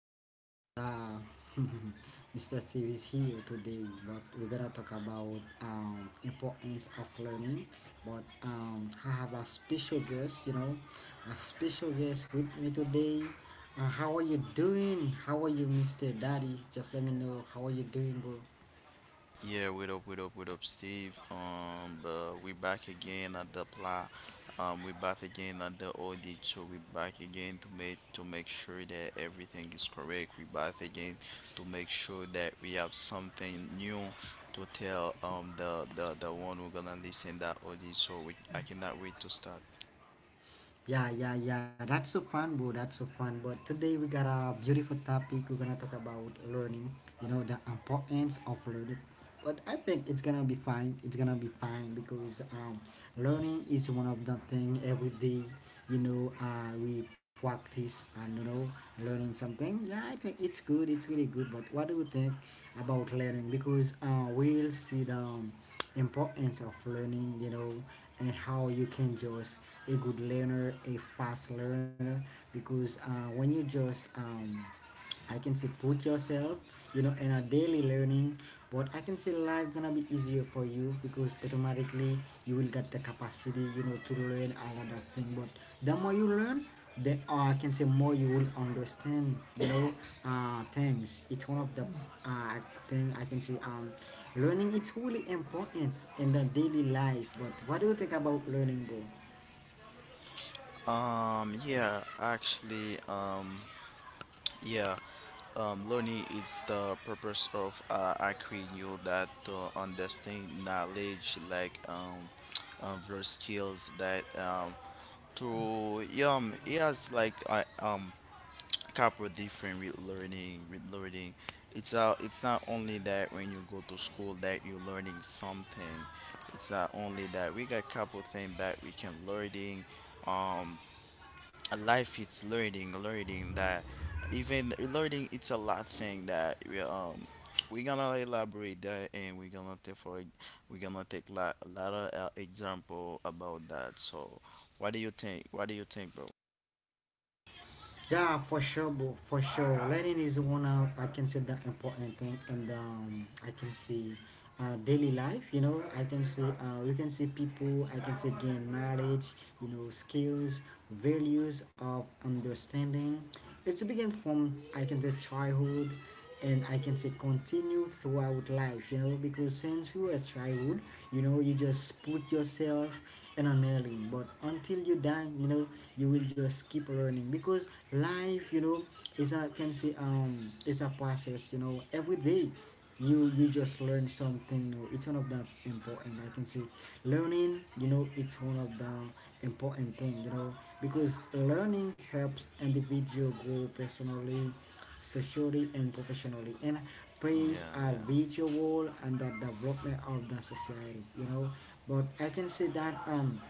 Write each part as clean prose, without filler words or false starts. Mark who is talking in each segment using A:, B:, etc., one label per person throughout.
A: Mr. Steve, Mr. Steve is here today, but we're gonna talk about importance of learning. But I have a special guest, a special guest with me today. How are you doing? How are you, Mr. Daddy? Just let me know how are you doing, bro.
B: Yeah, what up, what up, what up, Steve? But we back again at the pla we back again at the audit, so we back again to make sure that everything is correct. We back again to make sure that we have something new to tell the one who gonna listen that audit. So we I cannot wait to start.
A: Yeah, yeah, yeah. That's so fun, bro. That's so fun. But today we got a beautiful topic. We're gonna talk about learning. You know the importance of learning. But I think it's gonna be fine. It's gonna be fine because learning is one of the thing every day. We practice and you know learning something. Yeah, I think it's good. It's really good. But what do you think about learning? Because we'll see the importance of learning. You know, and how you can just a good learner, a fast learner, because when you just I can say put yourself you know in a daily learning what I can say life gonna be easier for you because automatically you will get the capacity you know to learn a lot of things but the more you learn the I can say more you will understand you know things it's one of the uh thing I can say learning it's really important in the daily life but what do you think about learning bro.
B: Yeah, actually, yeah. Learning is the purpose of acquiring you that to understand knowledge like various skills that to it has like I couple different with learning it's it's not only that when you go to school that you're learning something. It's not only that we got couple things that we can learning. um a life it's learning that even learning it's a lot thing that we're gonna elaborate that, and we're gonna take like a lot of example about that. So what do you think, bro?
A: Yeah, for sure, bro, for sure. Learning is one of I can say the important thing, and I can see daily life. You know, I can see you can see people. I can say gain knowledge. You know, skills, values of understanding. It's begin from I can say childhood and I can say continue throughout life, you know, because since you were childhood, you know, you just put yourself in an alien, but until you die, you know, you will just keep learning because life, you know, is a can say is a process, you know, every day you just learn something new. It's one of the important I can say learning, you know, it's one of the important thing, you know, because learning helps individual grow personally, socially and professionally, and plays
B: Yeah,
A: a
B: yeah,
A: vital role in the development of the society, you know. But I can say that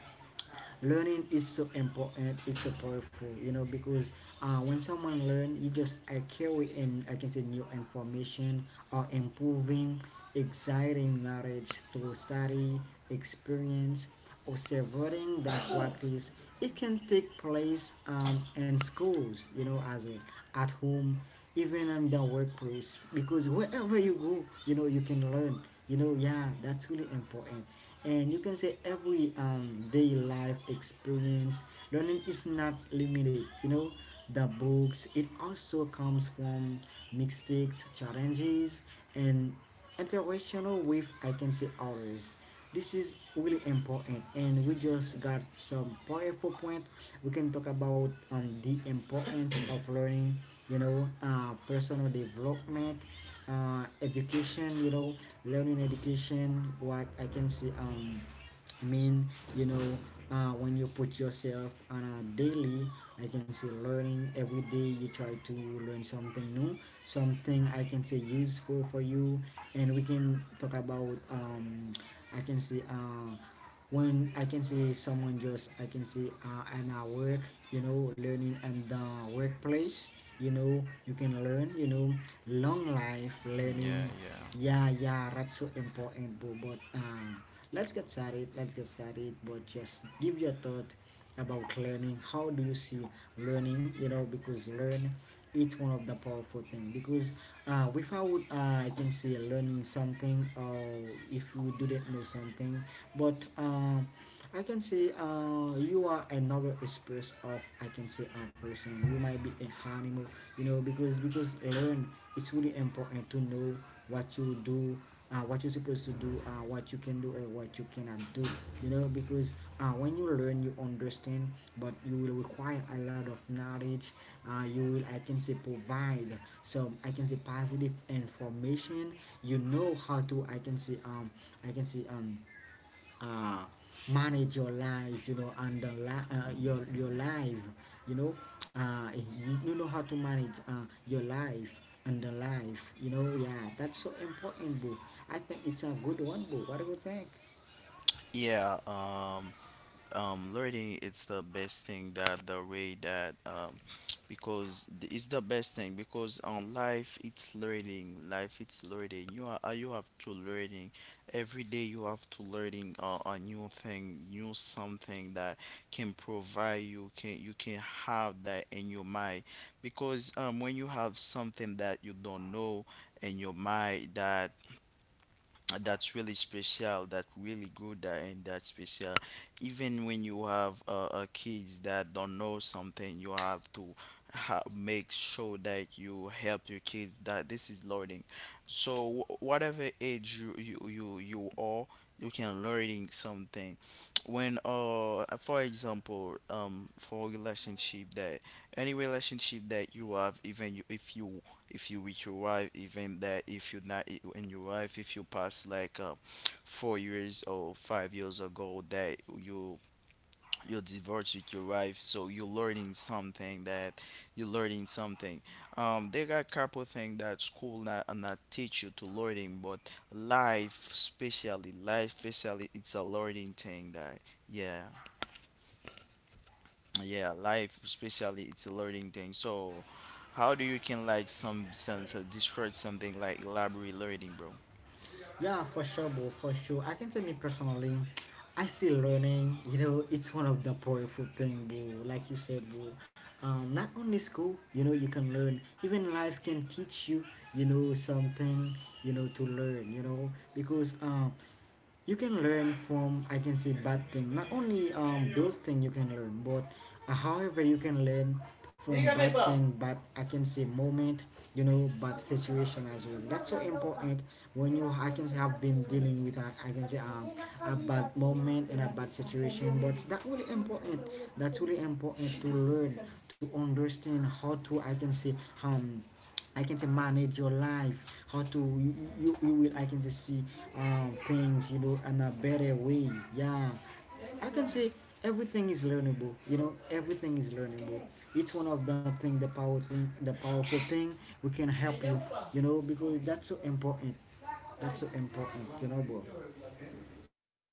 A: learning is so important, it's so powerful, you know, because when someone learn you just are carry and I can say new information or improving exciting knowledge through study, experience, observing that practice. It can take place in schools you know as well, at home, even in the workplace, because wherever you go, you know, you can learn, you know. Yeah, that's really important. And you can say every day life experience learning is not limited, you know, the books, it also comes from mistakes, challenges, and interaction with I can say others. This is really important and we just got some powerful point we can talk about the importance of learning, you know, personal development, education, you know, learning education, what I can say I mean, you know, when you put yourself on a daily, I can say learning every day. You try to learn something new, something I can say useful for you, and we can talk about I can say when I can see someone just I can see and I work you know learning and the workplace, you know you can learn, you know, long life learning.
B: yeah,
A: Yeah, yeah, that's so important bro, but let's get started, let's get started, but just give your thought about learning, how do you see learning, you know, because learn it's one of the powerful thing, because without I can say learning something, or if you didn't know something, but I can say you are another express of I can say a person, you might be an animal, you know, because learn it's really important to know what you do, what you're supposed to do, what you can do, and what you cannot do. You know, because when you learn, you understand, but you will require a lot of knowledge. You will, I can say, provide some, I can say, positive information. You know how to, I can say, I can say, um, uh, manage your life you know and the your life, you know, you know how to manage your life and the life, you know. Yeah, that's so important, boo. I think it's a good one, boo. What do you think?
B: yeah, yeah. um, Learning it's the best thing, that the way that because it's the best thing because on life it's learning, life it's learning. You are you have to learning every day. You have to learning a new thing, new something that can provide you, can have that in your mind. Because when you have something that you don't know in your mind, that that's really special, that really good, and that's special. Even when you have kids that don't know something, you have to make sure that you help your kids, that this is learning. So whatever age you are, you can learning something. When for example, for relationship that any relationship that you have, even if you, if you with your wife, even that if you're not in your wife, if you pass like 4 years or 5 years ago that you divorced with your wife, so you're learning something. That you're learning something. There are a couple things that school not, not teach you to learning, but life especially, life especially, it's a learning thing. That yeah, yeah, life especially it's a learning thing. So how do you can like some sense describe something like library learning, bro?
A: Yeah, for sure, bro, for sure. I can say me personally, I still learning. You know, it's one of the powerful thing, bro. Like you said, bro. Not only school, you know, you can learn. Even life can teach you, you know, something, you know, to learn. You know, because you can learn from I can say bad thing, not only those things you can learn but however you can learn from bad thing but I can say moment, you know, bad situation as well. That's so important when you I can say have been dealing with a, I can say a bad moment and a bad situation, but that really important. That's really important to learn, to understand how to I can say um I can say manage your life, how to you will I can just see things you know in a better way. Yeah, I can say everything is learnable. You know everything is learnable. It's one of the thing, the power thing, the powerful thing we can help you. You know because that's so important. That's so important. You know, bro.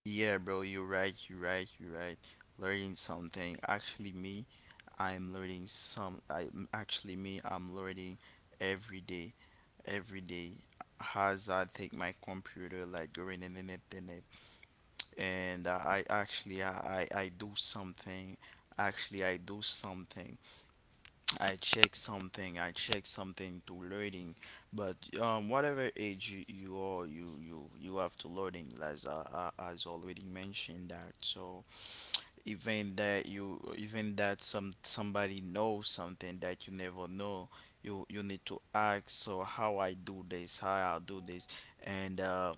B: Yeah, bro, you're right, you're right, you're right. Learning something, actually me, I'm learning some I actually me, I'm learning every day, every day. As I take my computer, like going in the internet, and I do something, actually I do something. I check something to learning. But whatever age you are, you have to learning, as I as already mentioned that. So even that, you even that some somebody knows something that you never know, you need to ask. So how I do this, how I do this, and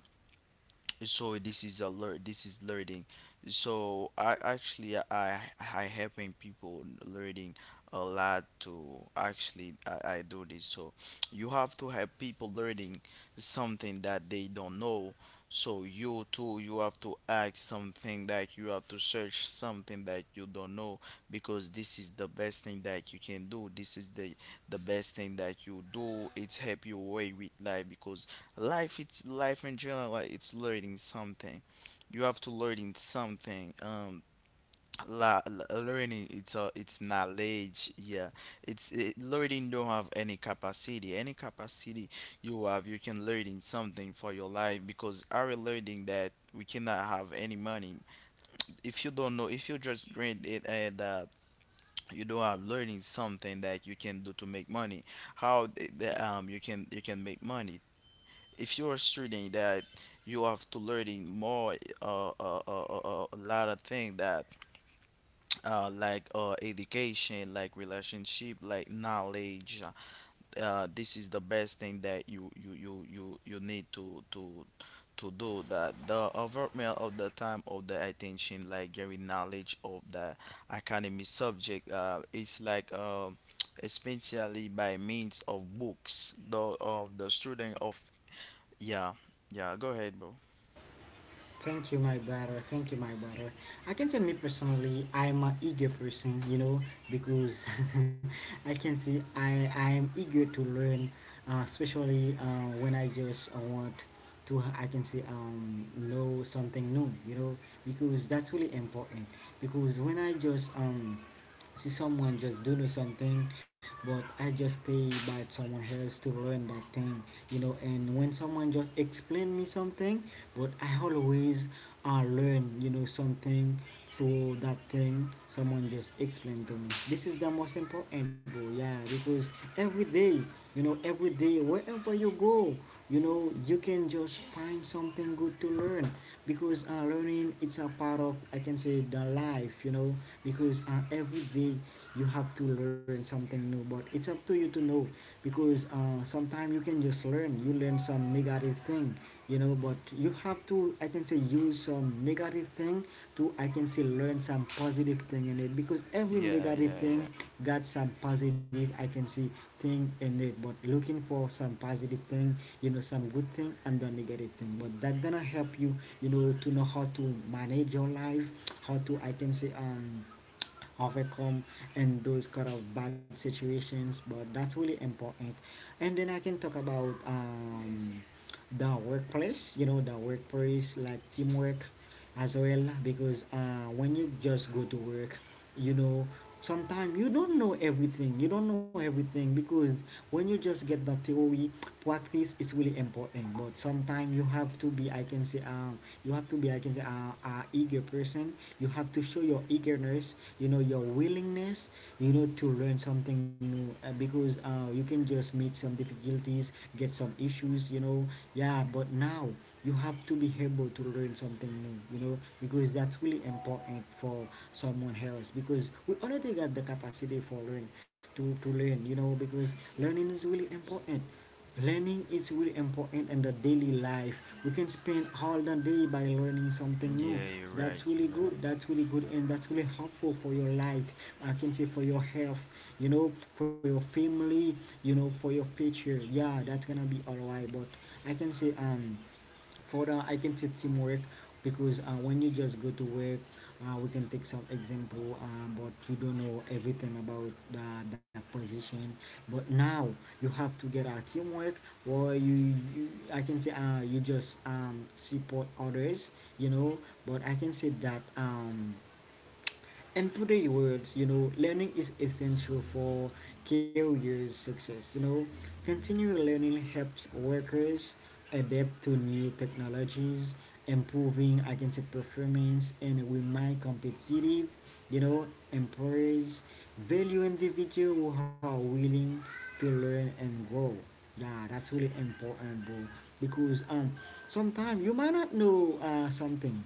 B: so this is a this is learning. So I actually I helping people learning a lot. To actually I do this, so you have to help people learning something that they don't know. So you too, you have to ask something, that you have to search something that you don't know, because this is the best thing that you can do. This is the best thing that you do, it's help you way with life. Because life, it's life in general, like it's learning something, you have to learning something. Learning, it's a, it's knowledge. Yeah, learning don't have any capacity, any capacity. You have, you can learning something for your life, because our learning that we cannot have any money. If you don't know, if you just grant it, and you don't have learning something that you can do to make money. How you can, you can make money? If you're a student, that you have to learning more a lot of things that like education, like relationship, like knowledge. This is the best thing that you need to to do that, the overwhelm of the time of the attention, like giving knowledge of the academy subject, is like especially by means of books, the of the student of yeah, yeah, go ahead, bro.
A: Thank you, my brother. Thank you, my brother. I can tell me personally, I'm an eager person, you know, because I can see I'm eager to learn, especially when I just want to I can say know something new, you know, because that's really important. Because when I just see someone just doing something, but I just stay by someone else to learn that thing, you know. And when someone just explain me something, but I always learn you know something through that thing someone just explained to me, this is the most important bro. Yeah, because every day, you know, every day wherever you go, you know, you can just find something good to learn, because learning it's a part of I can say the life, you know, because every day you have to learn something new, but it's up to you to know. Because sometimes you can just learn, you learn some negative thing, you know, but you have to I can say use do some negative thing to I can still learn some positive thing in it, because every
B: Yeah,
A: negative
B: yeah, yeah.
A: thing got some positive I can see thing in it, but looking for some positive thing, you know, some good thing and the negative thing, but that gonna help you, you know, to know how to manage your life, how to I can say overcome in those kind of bad situations, but that's really important. And then I can talk about the workplace, you know, the workplace like teamwork as well, because when you just go to work, you know, sometimes you don't know everything, you don't know everything, because when you just get the theory, practice is really important, but sometimes you have to be I can say you have to be I can say eager person, you have to show your eagerness, you know, your willingness, you know, to learn something new, because you can just meet some difficulties, get some issues, you know. Yeah, but now you have to be able to learn something new, you know, because that's really important for someone else, because we already got the capacity for learn to learn, you know, because learning is really important. Learning is really important in the daily life. We can spend all the day by learning something
B: Yeah,
A: new.
B: you're right,
A: That's
B: you're
A: really
B: right.
A: good. That's really good, and that's really helpful for your life. I can say for your health, you know, for your family, you know, for your future. Yeah, that's gonna be alright. But I can say for that I can say teamwork, because when you just go to work, we can take some example, but you don't know everything about the position, but now you have to get a teamwork, or you I can say you just support others, you know. But I can say that in today's world, you know, learning is essential for career success. You know, continual learning helps workers adapt to new technologies, improving against performance, and remain competitive. You know, employers value individuals who are willing to learn and grow. Yeah, that's really important, bro. Because sometimes you might not know something,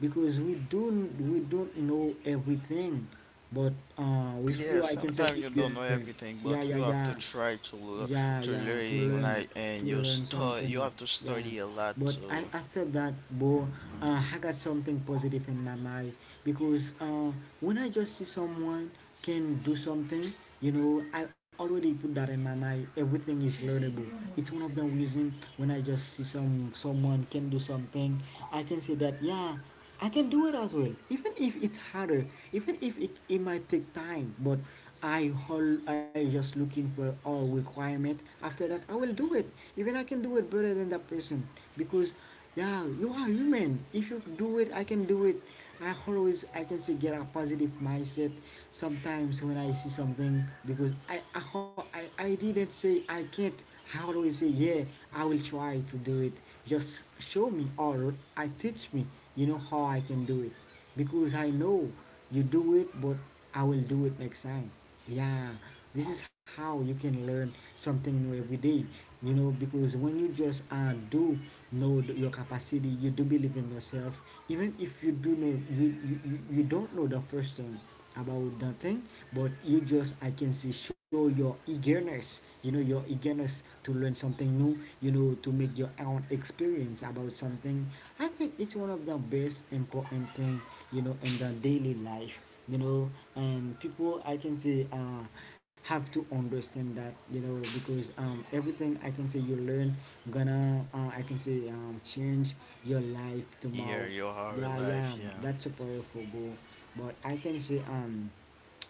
A: because we don't know everything but with
B: Yeah,
A: you I can say
B: sometimes you don't know
A: eager. Yeah,
B: everything,
A: yeah,
B: but you
A: yeah,
B: have to try to
A: yeah,
B: to
A: yeah, to
B: learning,
A: learn,
B: like,
A: to
B: and you
A: learn
B: start you
A: something.
B: have to
A: Yeah,
B: study a lot
A: but I,
B: to
A: after that, bo, I got something positive in my mind because when I just see someone can do something, you know, I already put that in my mind: everything is learnable. It's one of the reason when I just see someone can do something, I can say that yeah, I can do it as well. Even if it's harder, even if it might take time, but I hold. I just looking for all requirement. After that, I will do it. Even I can do it better than that person because, yeah, you are human. If you do it, I can do it. I always I can say get a positive mindset sometimes when I see something because I didn't say I can't. How do we say, yeah, I will try to do it. Just show me or I teach me, you know, how I can do it. Because I know you do it, but I will do it next time. Yeah, this is how you can learn something new every day, you know, because when you just do know your capacity, you do believe in yourself, even if you do know you don't know the first thing about the thing, but you just I can see show your eagerness, you know, your eagerness to learn something new, you know, to make your own experience about something. I think it's one of the best important thing, you know, in the daily life, you know. And people I can say have to understand that, you know, because everything I can say you learn gonna I can say change your life tomorrow.
B: hear your whole
A: Yeah, yeah,
B: life, yeah.
A: that's a powerful goal. But I can say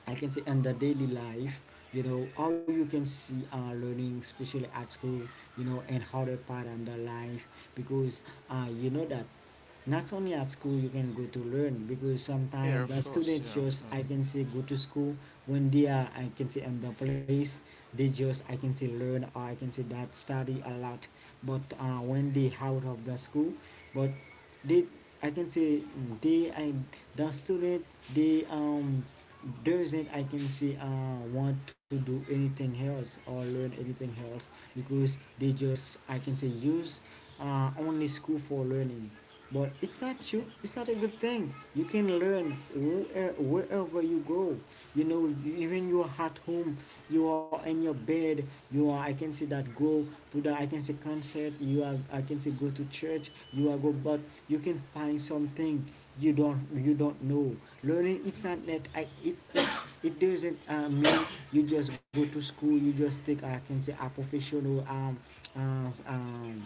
A: I can say and the daily life, you know, how you can see our learning, especially at school, you know, and how they part under life. Because you know that not only at school you can go to learn, because
B: Yeah,
A: sometimes the
B: of course,
A: students
B: yeah, of
A: just
B: course.
A: I can say go to school when they are I can say in the place, they just I can say learn or I can say that study a lot. But when they out of the school, but they I can say mm, they I the student, they doesn't I can say want to do anything else or learn anything else, because they just I can say use only school for learning. But it's not true. It's not a good thing. You can learn where, wherever you go. You know, even you are at home, you are in your bed, you are I can say that go to the I can say concert, you are I can say go to church, you are go, but you can find something you don't, you don't know. Learning, it's not that I, it doesn't mean you just go to school, you just take I can say a professional uh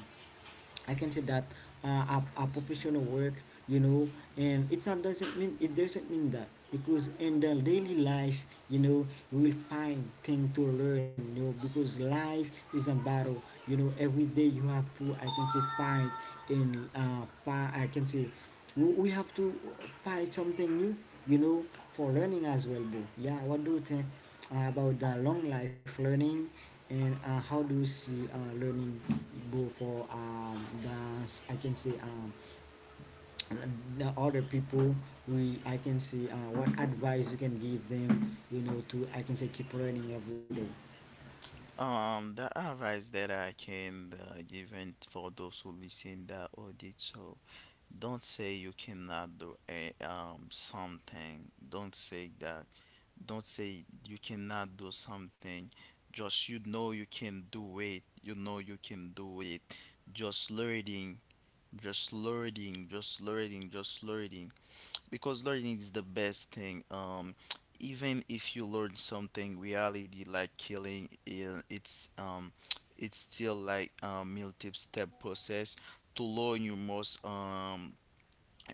A: I can say that a professional work, you know. And it's not doesn't mean, it doesn't mean that, because in the daily life, you know, we will find thing to learn, you know, because life is a battle, you know. Every day you have to, I can say, find in I can say we have to find something new, you know, for learning as well, bro. Yeah, what do you think about the long life learning and how do you see learning, bro, for the, I can say, the other people, we, I can say, what advice you can give them, you know, to, I can say, keep learning every day.
B: The advice that I can give in for those who listen that audit, so don't say you cannot do a, something. Don't say that. Don't say you cannot do something. Just you know you can do it. You know you can do it. Just learning, just learning, just learning, just learning. Because learning is the best thing. Even if you learn something, reality like killing, it's still like a multi-step process. To learn you must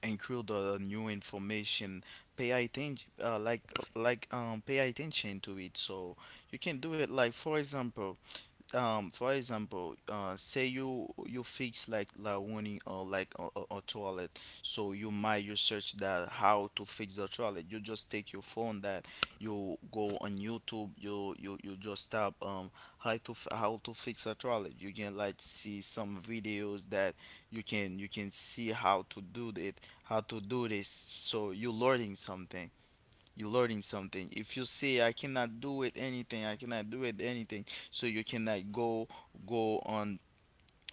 B: include new information, pay attention like pay attention to it. So you can do it, like for example, for example, say you, you fix like laundry or like a toilet. So you might, you search that how to fix the toilet. You just take your phone, that you go on YouTube. You, you just type how to how to fix a toilet. You can like see some videos that you can, you can see how to do it, how to do this. So you're learning something, you're learning something. If you say I cannot do it anything, I cannot do it anything, so you cannot go, go on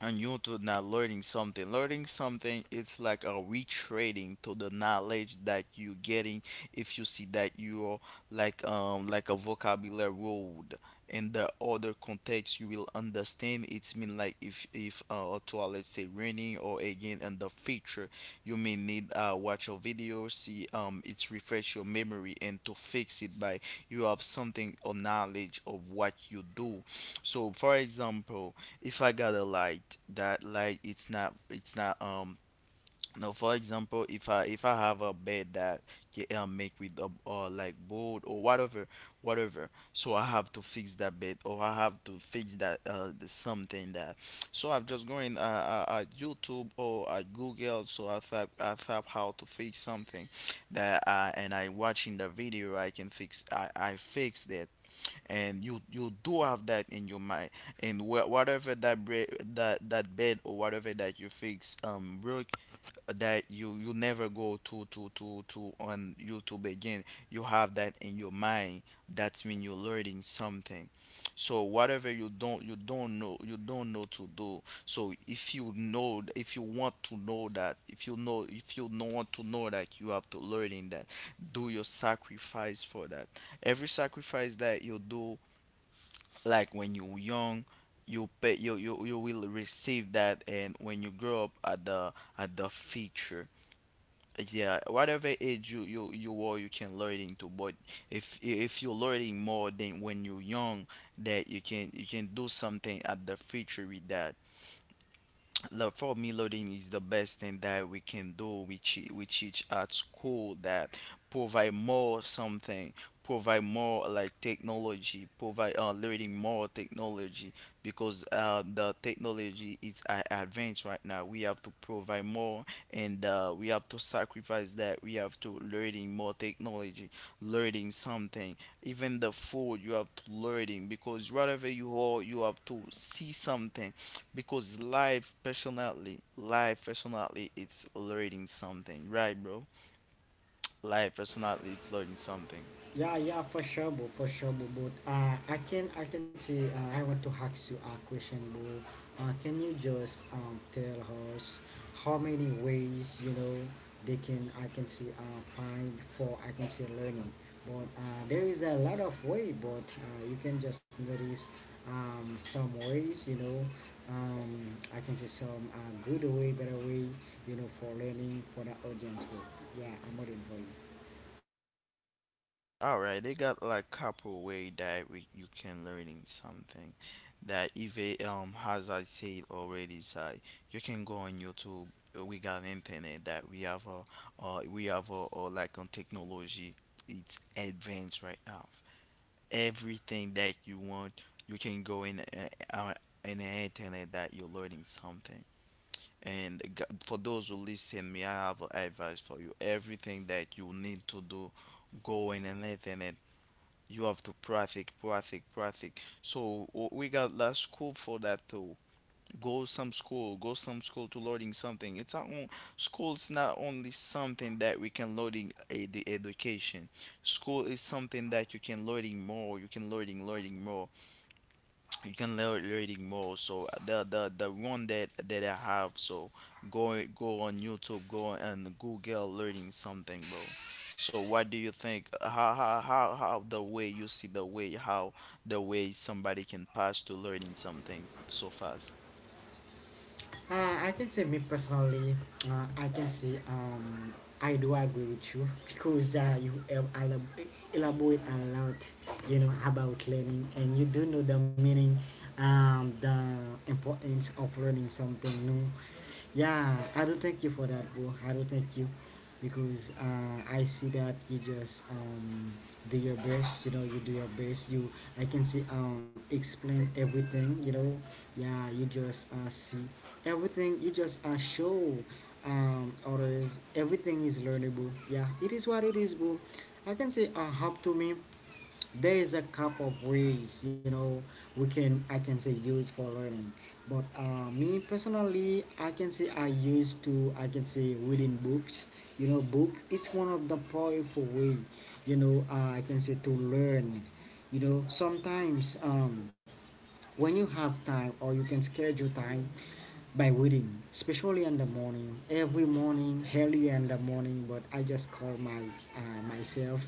B: on YouTube, not learning something. Learning something it's like a retrading to the knowledge that you're getting. If you see that you're like a vocabulary road in the other context, you will understand it's mean like if to let's say raining or again in the future, you may need watch a video, see it's refresh your memory and to fix it. By you have something or knowledge of what you do. So for example, if I got a light that light it's not, it's not no, for example, if I, if I have a bed that yeah, I make with a or like board or whatever, whatever. So I have to fix that bed, or I have to fix that the something. That so I'm just going at YouTube or at Google, so I type, I type how to fix something that, and I watching the video, I can fix, I fix that. And you do have that in your mind, and whatever that that bed or whatever that you fix broke, that you never go to on YouTube again. You have that in your mind. That's when you're learning something. So whatever you don't, you don't know, you don't know to do, so if you know, if you want to know that, if you know want to know that you have to learn in that. Do your sacrifice for that. Every sacrifice that you do, like when you young, you pay, you you will receive that. And when you grow up at the, at the future, yeah, whatever age you are, you can learning to. But if you're learning more than when you're young, that you can, you can do something at the future with that. Like, for me learning is the best thing that we can do. We teach, we teach at school that provide more something, provide more like technology, provide learning more technology. Because the technology is advanced right now. We have to provide more, and we have to sacrifice that. We have to learning more technology, learning something. Even the food, you have to learning, because whatever you are, you have to see something. Because life, personally, it's learning something, right, bro? Life, personally, it's learning something.
A: Yeah, yeah, for sure, bro, for sure, bro. But I can say, I want to ask you a question, bro. Can you just tell us how many ways you know they can, I can say, find for, I can say, learning. But there is a lot of way, but you can just notice some ways, you know, I can say some good way, better way, you know, for learning for the audience, bro. Yeah, I'm waiting for you.
B: Alright, they got like couple way that we, you can learning something. That if it, as I said already, say you can go on YouTube. We got internet, that we have a, uh, like on technology. It's advanced right now. Everything that you want, you can go in the internet that you're learning something. And for those who listen me, I have advice for you. Everything that you need to do, go in the internet, you have to practice, practice, practice. So we got less school for that too. Go some school to learning something. It's not on, school's not only something that we can learning a, the education. School is something that you can learning more. You can learning, learning more, you can learn learning more. So the one that I have, so go go on youtube, go and google learning something, bro. So what do you think? How the way you see, the way how the way somebody can pass to learning something so fast?
A: I can say me personally, I can say I do agree with you because you elaborate a lot, you know, about learning, and you do know the meaning, the importance of learning something new. Yeah, I do thank you for that, bro. I do thank you because I see that you just do your best. You know, you do your best. You, I can see explain everything. You know, yeah, you just see everything. You just show others everything is learnable. Yeah, it is what it is, boo. I can say up to me there is a couple of ways, you know, we can I can say use for learning. But me personally I can say I used to I can say reading books. You know, books, it's one of the powerful way, you know, I can say to learn, you know. Sometimes um, when you have time or you can schedule time by reading, especially in the morning. Every morning, early in the morning, but I just call my myself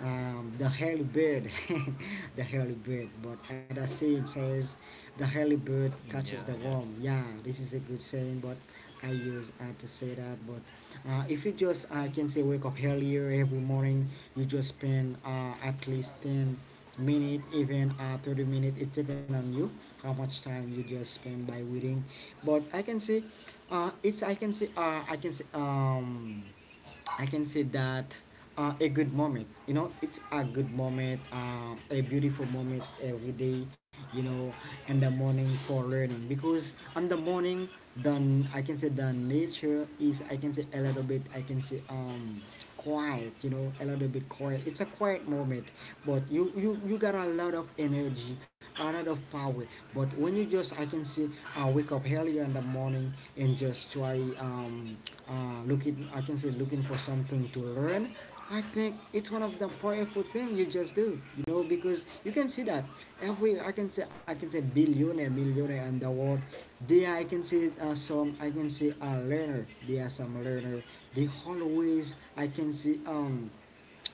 A: the early bird, the early bird. But other saying says, the early bird catches the
B: Yeah, yeah,
A: worm. Yeah, this is a good saying, but I use to say that. But if you just, I can say, wake up earlier every morning, you just spend at least 10 minutes, even 30 minute, it depend on you how much time you just spend by reading. But I can say it's I can say I can say I can say that a good moment, you know, it's a good moment, a beautiful moment every day, you know, in the morning for learning. Because in the morning, the I can say the nature is I can say a little bit I can say quiet, you know, a little bit quiet, it's a quiet moment. But you got a lot of energy, a lot of power. But when you just I can see wake up earlier in the morning and just try looking, I can say looking for something to learn. I think it's one of the powerful thing you just do, you know, because you can see that every I can say billionaire, millionaire in the world. They are, I can see some I can see a learner. They are some learner. They always I can see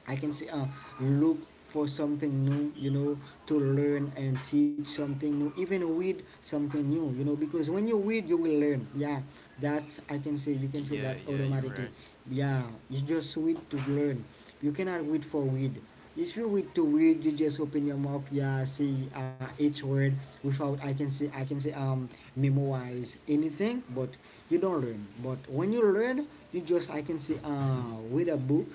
A: I can say look for something new, you know, to learn and teach something new, even read something new, you know, because when you read, you will learn. Yeah, that I can say, you can say that
B: yeah, yeah, you're
A: automatically.
B: right.
A: Yeah, you just read to learn. You cannot read for read. If you read to read, you just open your mouth, yeah, see each word without, I can say, memorize anything, but you don't learn. But when you learn, you just, read a book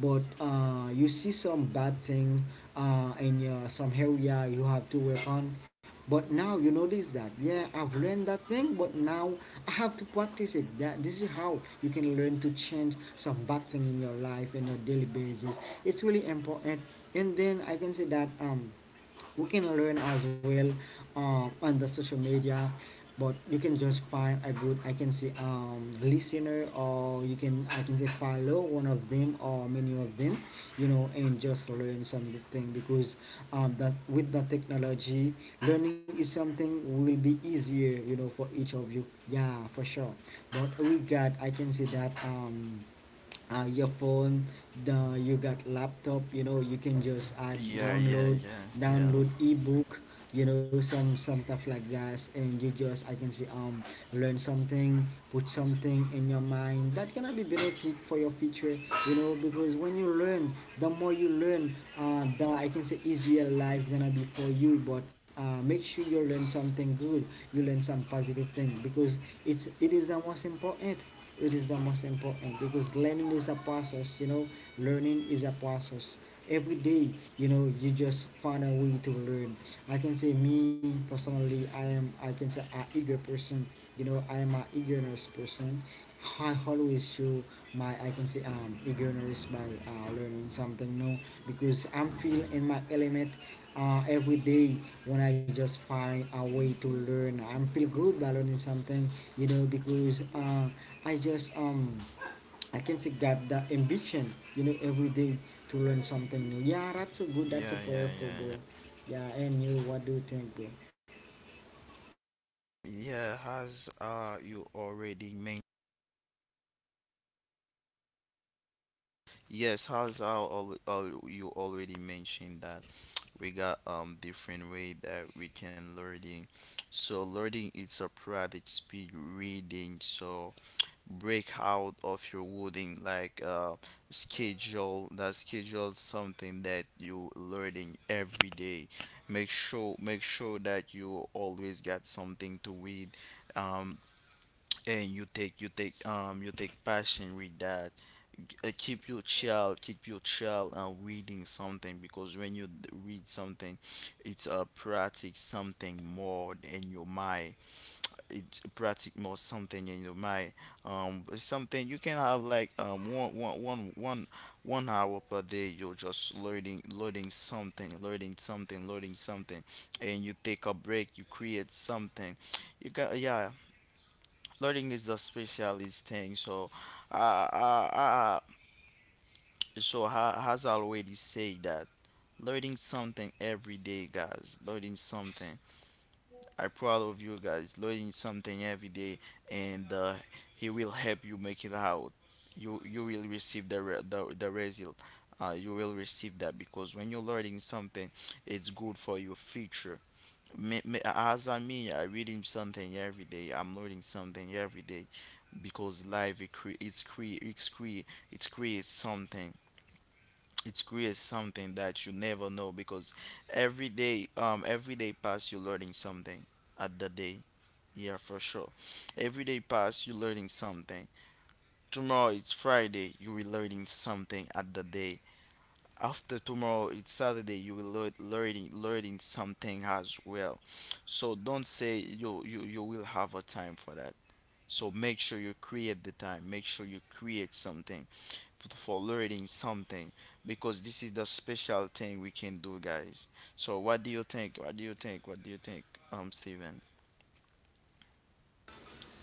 A: but you see some bad thing in your, some area you have to work on. But now you notice that, yeah, I've learned that thing, but now I have to practice it. That this is how you can learn to change some bad thing in your life, in your daily basis. It's really important. And then I can say that we can learn as well on the social media. But you can just find a good, I can say, listener, or you can, I can say, follow one of them or many of them, you know, and just learn some good thing. Because that with the technology, learning is something will be easier, you know, for each of you. Yeah, for sure. But we got, I can say that, your phone, the you got laptop, you know. You can just add
B: Yeah, yeah,
A: download
B: yeah, yeah,
A: download ebook, you know, some stuff like that. And you just, I can see, learn something, put something in your mind that gonna be benefit for your future, you know. Because when you learn, the more you learn, the, I can say, easier life gonna be for you. But make sure you learn something good, you learn some positive thing, because it is the most important. It is the most important, because learning is a process, you know. Learning is a process every day. You know, you just find a way to learn. I can say, me personally, I am, I can say, a eager person, you know. I am an eagerness person. I always show my, I can say, eagerness by learning something new, because I'm feeling in my element every day. When I just find a way to learn, I am feel good by learning something, you know, because I just I can see got the ambition, you know, every day, to learn something new. Yeah, that's so good. That's a
B: yeah, yeah,
A: powerful,
B: yeah, yeah,
A: bro. Yeah, and you, what do you think, bro?
B: yeah, as you already mentioned. Yes, as I all you already mentioned that we got different way that we can learning. So learning it's a private speed reading. So break out of your wording like schedule that schedule something that you learning every day. Make sure that you always got something to read. Um, and you take you take passion with that. Keep your child, reading something, because when you read something, it's a, practice something more in your mind it's Practice more something in your mind. Something you can have like um one hour per day, you're just learning something, learning something. And you take a break, you create something. You got. Yeah, learning is the specialist thing. So I, I, so has already said that learning something every day, guys. Learning something. I'm proud of you guys. Learning something every day, and he will help you make it out. You will receive the the result. You will receive that, because when you're learning something, it's good for your future. As I mean, I reading something every day. I'm learning something every day, because life it it's creates something, it creates something that you never know, because every day pass, you're learning something at the day. Yeah, for sure. Every day pass, you're learning something. Tomorrow it's friday, you will learning something at the day. After tomorrow it's saturday, you will learning learning something as well. So don't say you will have a time for that. So make sure you create the time. Make sure you create something for learning something, because this is the special thing we can do, guys. So what do you think? What do you think? What do you think, Steven?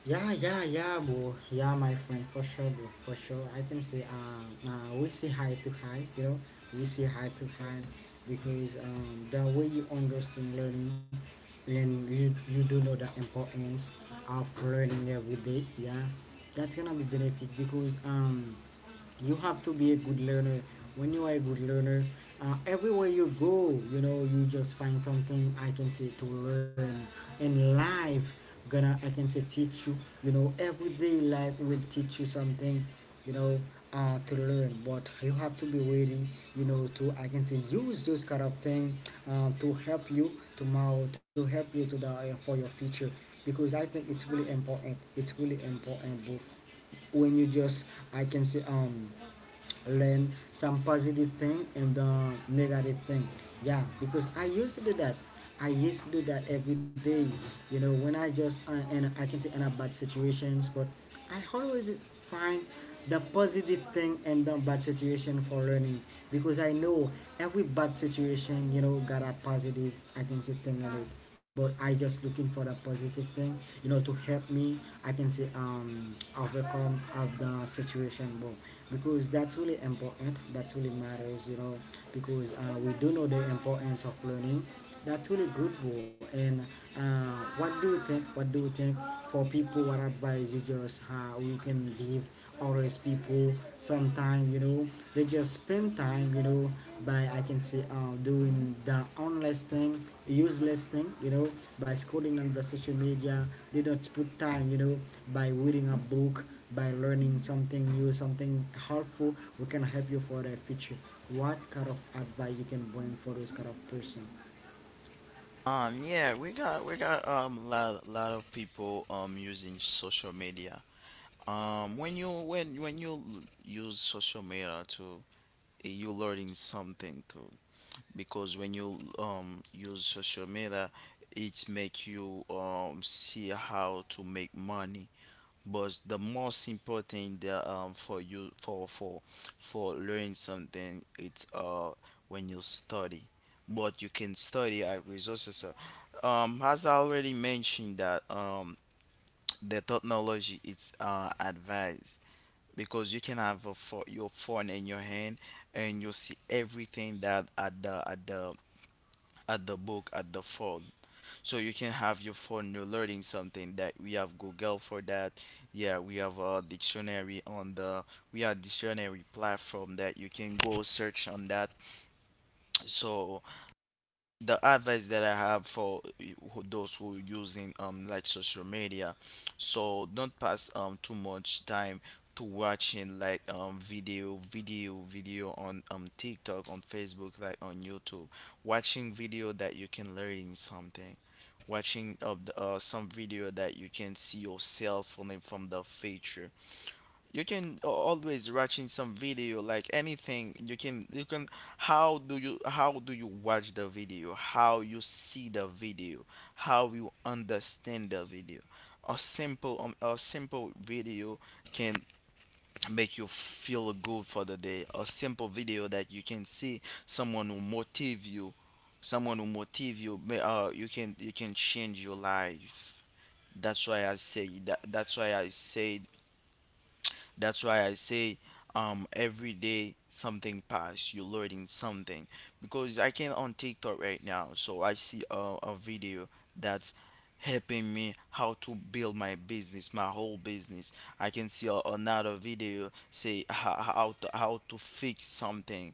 A: Yeah, yeah, yeah, bro. Yeah, my friend, for sure, bro, for sure. I can say, we see high to high, you know, we see high to high, because the way you understand learning, and you do know the importance of learning every day, yeah, that's gonna be benefit. Because you have to be a good learner. When you are a good learner, everywhere you go, you know, you just find something, I can say, to learn. In life, gonna, I can say, teach you. You know, everyday life will teach you something, you know, to learn. But you have to be ready, you know, to, I can say, use those kind of thing, to help you tomorrow, to help you to the, for your future. Because I think it's really important, it's really important, bro. When you just, I can say, learn some positive thing and the negative thing. Yeah, because I used to do that. I used to do that every day. You know, when I just and I can say in a bad situations, but I always find the positive thing and the bad situation for learning. Because I know every bad situation, you know, got a positive, I can say, thing in it. But I just looking for the positive thing, you know, to help me, I can say, overcome of the situation. But because that's really important. That's really matters, you know. Because we do know the importance of learning. That's really good, bro. And what do you think, what do you think, for people, what advice you just, how you can give always people. Sometimes, you know, they just spend time, you know by, I can say, doing the onless thing, useless thing, you know, by scrolling on the social media. They don't put time, you know, by reading a book, by learning something new, something helpful, we can help you for the future. What kind of advice you can bring for those kind of person?
B: Yeah, we got um lot of people using social media. When you when use social media to, you learning something too, because when you use social media, it make you see how to make money. But the most important, for you, for learning something, it's when you study. But you can study at resources, as I already mentioned that the technology it's advanced. Because you can have a your phone in your hand, and you see everything that at the at the book, at the phone. So you can have your phone, you're learning something, that we have google for that. Yeah, we have a dictionary on the we have dictionary platform that you can go search on that. So the advice that I have for those who are using like social media, so don't pass too much time to watching like um video on TikTok, on Facebook, like on YouTube. Watching video that you can learn something. Watching of the, some video that you can see yourself from from the future. You can always watching some video like anything. You can, you can, how do you, how do you watch the video, how you see the video, how you understand the video? A simple a simple video can make you feel good for the day. A simple video that you can see someone who motive you, someone who motive you, you can, you can change your life. that's why i say that that's why i say that's why I say every day something pass, you're learning something. Because I can on TikTok right now, so I see a video that's helping me how to build my business, my whole business. I can see another video say how to, fix something.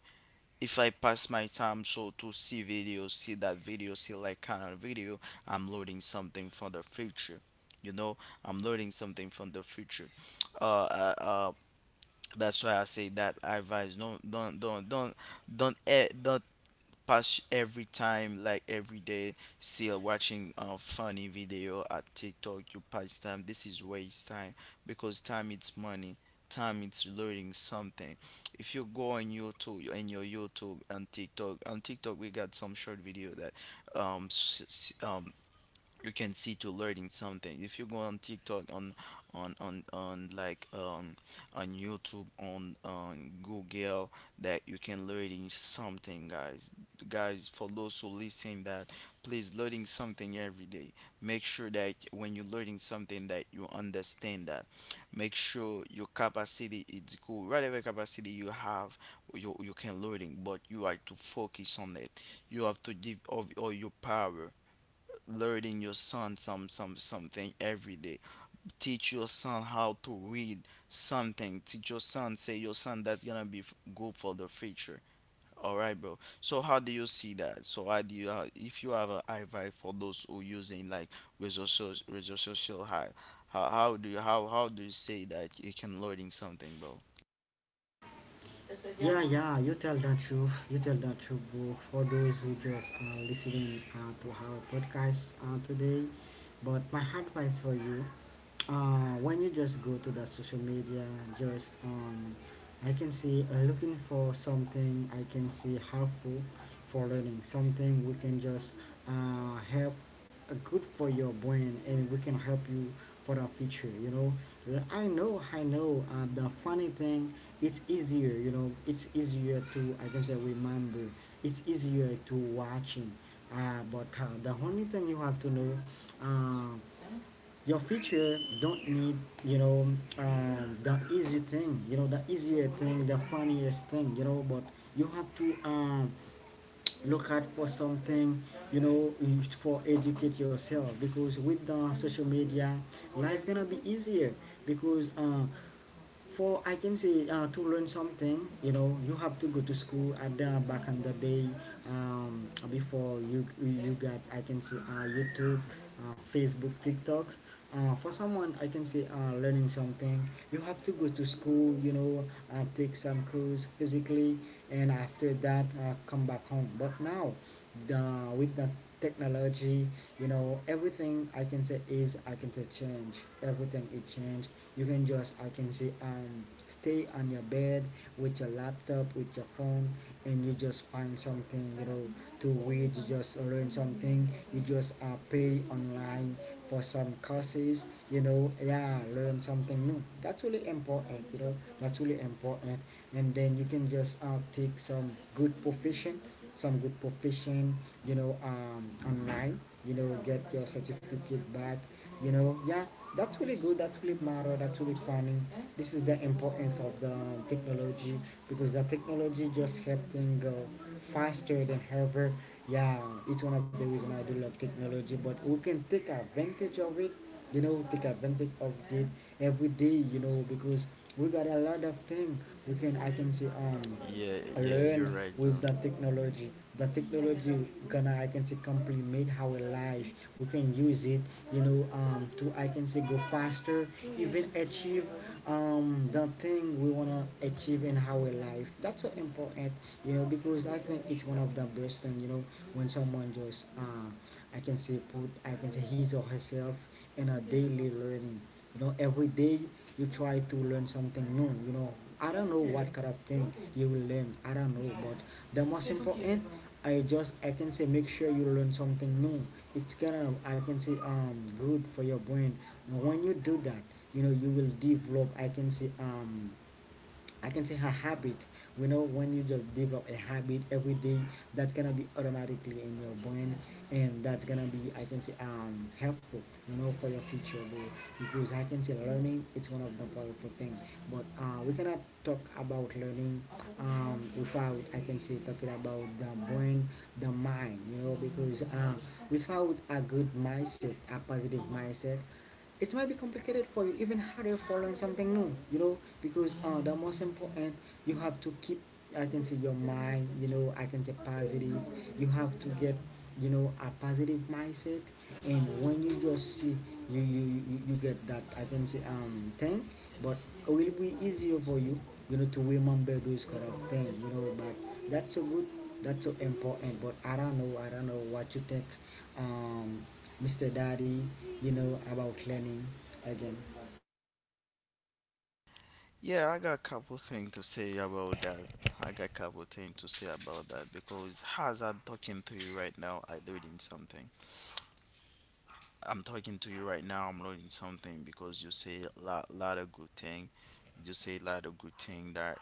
B: If I pass my time so to see videos, see that video, see like kind of video, I'm learning something for the future, you know. I'm learning something from the future. uh, uh, uh that's why I say that I advise don't pass every time like every day still watching a funny video at TikTok. You pass time, this is waste time. Because time it's money, time it's learning something. If you go on YouTube and your YouTube and TikTok, on TikTok we got some short video that, um, s- s- um you can see to learning something. If you go on tiktok on on like on youtube on google, that you can learning something, guys. Guys, for those who listen that, please learning something every day. Make sure that when you're learning something, that you understand that. Make sure your capacity is cool, whatever capacity you have, you can learning, but you have to focus on it. You have to give of all your power. Learning your son some something every day. Teach your son how to read something. Teach your son, say your son that's gonna be good for the future. All right, bro, so how do you see that? So how do you, if you have an advice for those who using like resources, resource social high, how do you, how do you say that you can learning something, bro?
A: Yeah, yeah, you tell the truth. You tell the truth, bro. For those who just are listening to our podcast today, but my advice for you, when you just go to the social media, just I can see, looking for something, I can see, helpful for learning, something we can just help, good for your brain, and we can help you for the future, you know. I know, I know, the funny thing, it's easier, you know. It's easier to, I can say, remember. It's easier to watching, but the only thing you have to know, uh, your future don't need, you know, the easy thing, you know, the easier thing, the funniest thing, you know. But you have to, look out for something, you know, for educate yourself. Because with the social media, life gonna be easier. Because, for, I can say, to learn something, you know, you have to go to school. And back in the day, before you got, I can say, YouTube, Facebook, TikTok. For someone, I can say, learning something, you have to go to school. You know, take some course physically, and after that come back home. But now the with the technology, you know, everything, I can say, is, I can say, change, everything is change. You can just, I can say, stay on your bed with your laptop, with your phone, and you just find something, you know, to read. You just learn something. You just pay online for some courses, you know. Yeah, learn something new. That's really important, you know. That's really important. And then you can just take some good profession, you know, online, you know, get your certificate back, you know. Yeah, that's really good. That's really matter. That's really funny. This is the importance of the technology, because the technology just help things go faster than ever. Yeah, each one of the reason I do love technology. But we can take advantage of it, you know. Take advantage of it every day, you know, because we got a lot of things we can, I can say,
B: Yeah, yeah,
A: learn
B: you're right,
A: with
B: bro.
A: the technology. The technology gonna, I can say, complement our life. We can use it, you know, to, I can say, go faster, even achieve the thing we wanna achieve in our life. That's so important, you know. Because I think it's one of the best thing, you know. When someone just I can say put, I can say, his or herself in a daily learning, you know, every day. You try to learn something new, you know. I don't know what kind of thing you will learn, I don't know. But the most important, I just, I can say, make sure you learn something new. It's gonna, I can say, good for your brain. Now when you do that, you know, you will develop, I can say, I can say a habit. We know when you just develop a habit every day, that's gonna be automatically in your brain. And that's gonna be, I can say, helpful, you know, for your future goal. Because I can say learning it's one of the powerful thing. But we cannot talk about learning without, I can say, talking about the brain, the mind, you know. Because without a good mindset, a positive mindset, it might be complicated for you, even harder for learn something new, you know. Because the most important, you have to keep, I can say, your mind, you know, I can say, positive. You have to get, you know, a positive mindset. And when you just see, you you you get that, I can say, thing, but it will be easier for you, you know, to remember those kind of thing, you know. But that's so good, that's so important. But I don't know, I don't know, what you think um, Mr. Daddy, you know, about cleaning again.
B: Yeah, I got a couple things to say about that. I got a couple things to say about that, because as I'm talking to you right now, I'm learning something. I'm talking to you right now, I'm learning something, because you say lot of good thing. You say a lot of good thing that,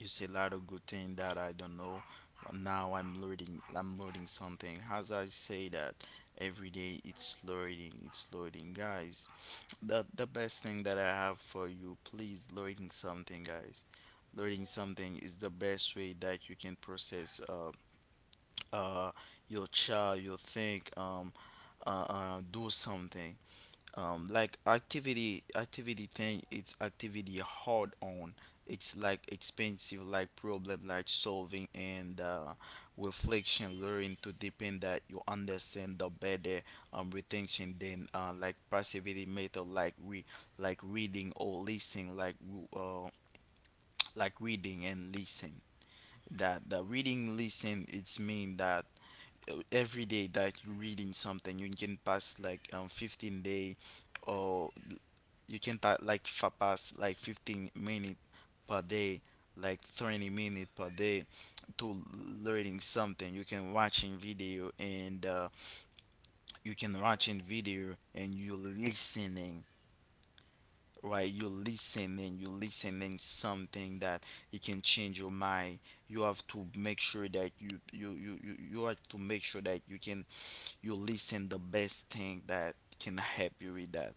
B: you say a lot of good thing that I don't know. But now I'm learning something. As I say that every day, it's learning, guys. The best thing that I have for you, please learning something, guys. Learning something is the best way that you can process uh your child, your think, do something, like activity activity thing it's activity hard on. It's like expensive, like problem, like solving, and reflection learning to depend that you understand the better retention than like passivity method like we like reading or listening like w- like reading and listen. That the reading listen it's mean that, every day that you reading something, you can pass like 15 day, or you can pass like 15 minutes per day, like 20 minutes per day, to learning something. You can watching video, and you can watching video and you listening, right? You listening, you listening something that it can change your mind. You have to make sure that you have to make sure that you can, you listen the best thing that can help you with that.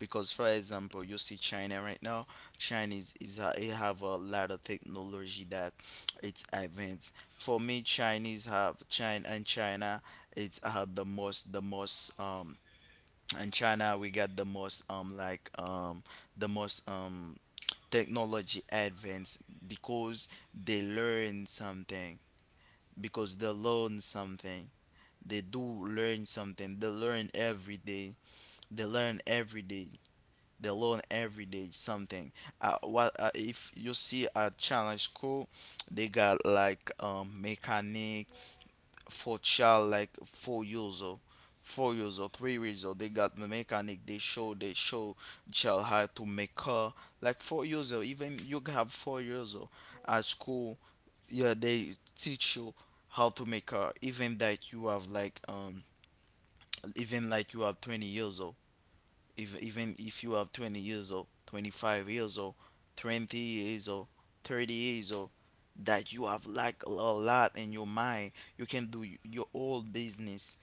B: Because for example, you see china right now. China is a, it have a lot of technology that it's advanced. For me, chinese have china, and china it's have the most in china. We got the most the most technology advance, because they learn something, because they learn something, they do learn something. They learn every day. They learn every day. They learn every day something. What if you see a challenge school? They got like mechanic for child like 4 years old, 4 years old, 3 years old. They got the mechanic. They show child how to make car like 4 years old. Even you have 4 years old at school. Yeah, they teach you how to make car. Even that you have like even like you have 20 years old, if even if you have 20 years old, 25 years old, 20 years old, 30 years old, that you have like a lot in your mind, you can do your old business.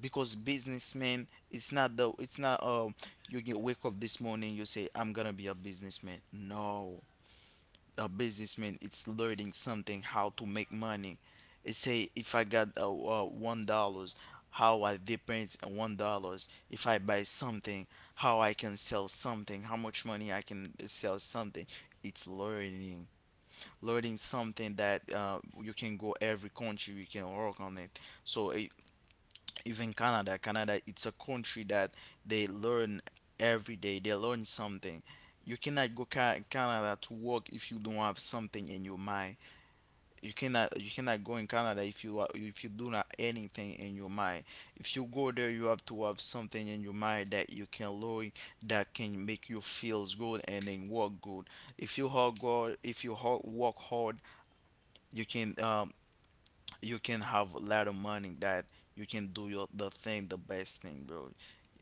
B: Because businessman it's not the it's not you get wake up this morning, you say I'm gonna be a businessman. No, a businessman is learning something how to make money. It say if I got $1, how I depends on $1. If I buy something, how I can sell something, how much money I can sell something. It's learning. Learning something that you can go every country, you can work on it. So it, even Canada. Canada, it's a country that they learn every day. They learn something. You cannot go Canada to work if you don't have something in your mind. You cannot go in Canada if you are, if you do not anything in your mind. If you go there, you have to have something in your mind that you can learn that can make you feels good and then work good. If you hard good, if you hard, work hard, you can um you can have a lot of money that you can do your the thing the best thing, bro.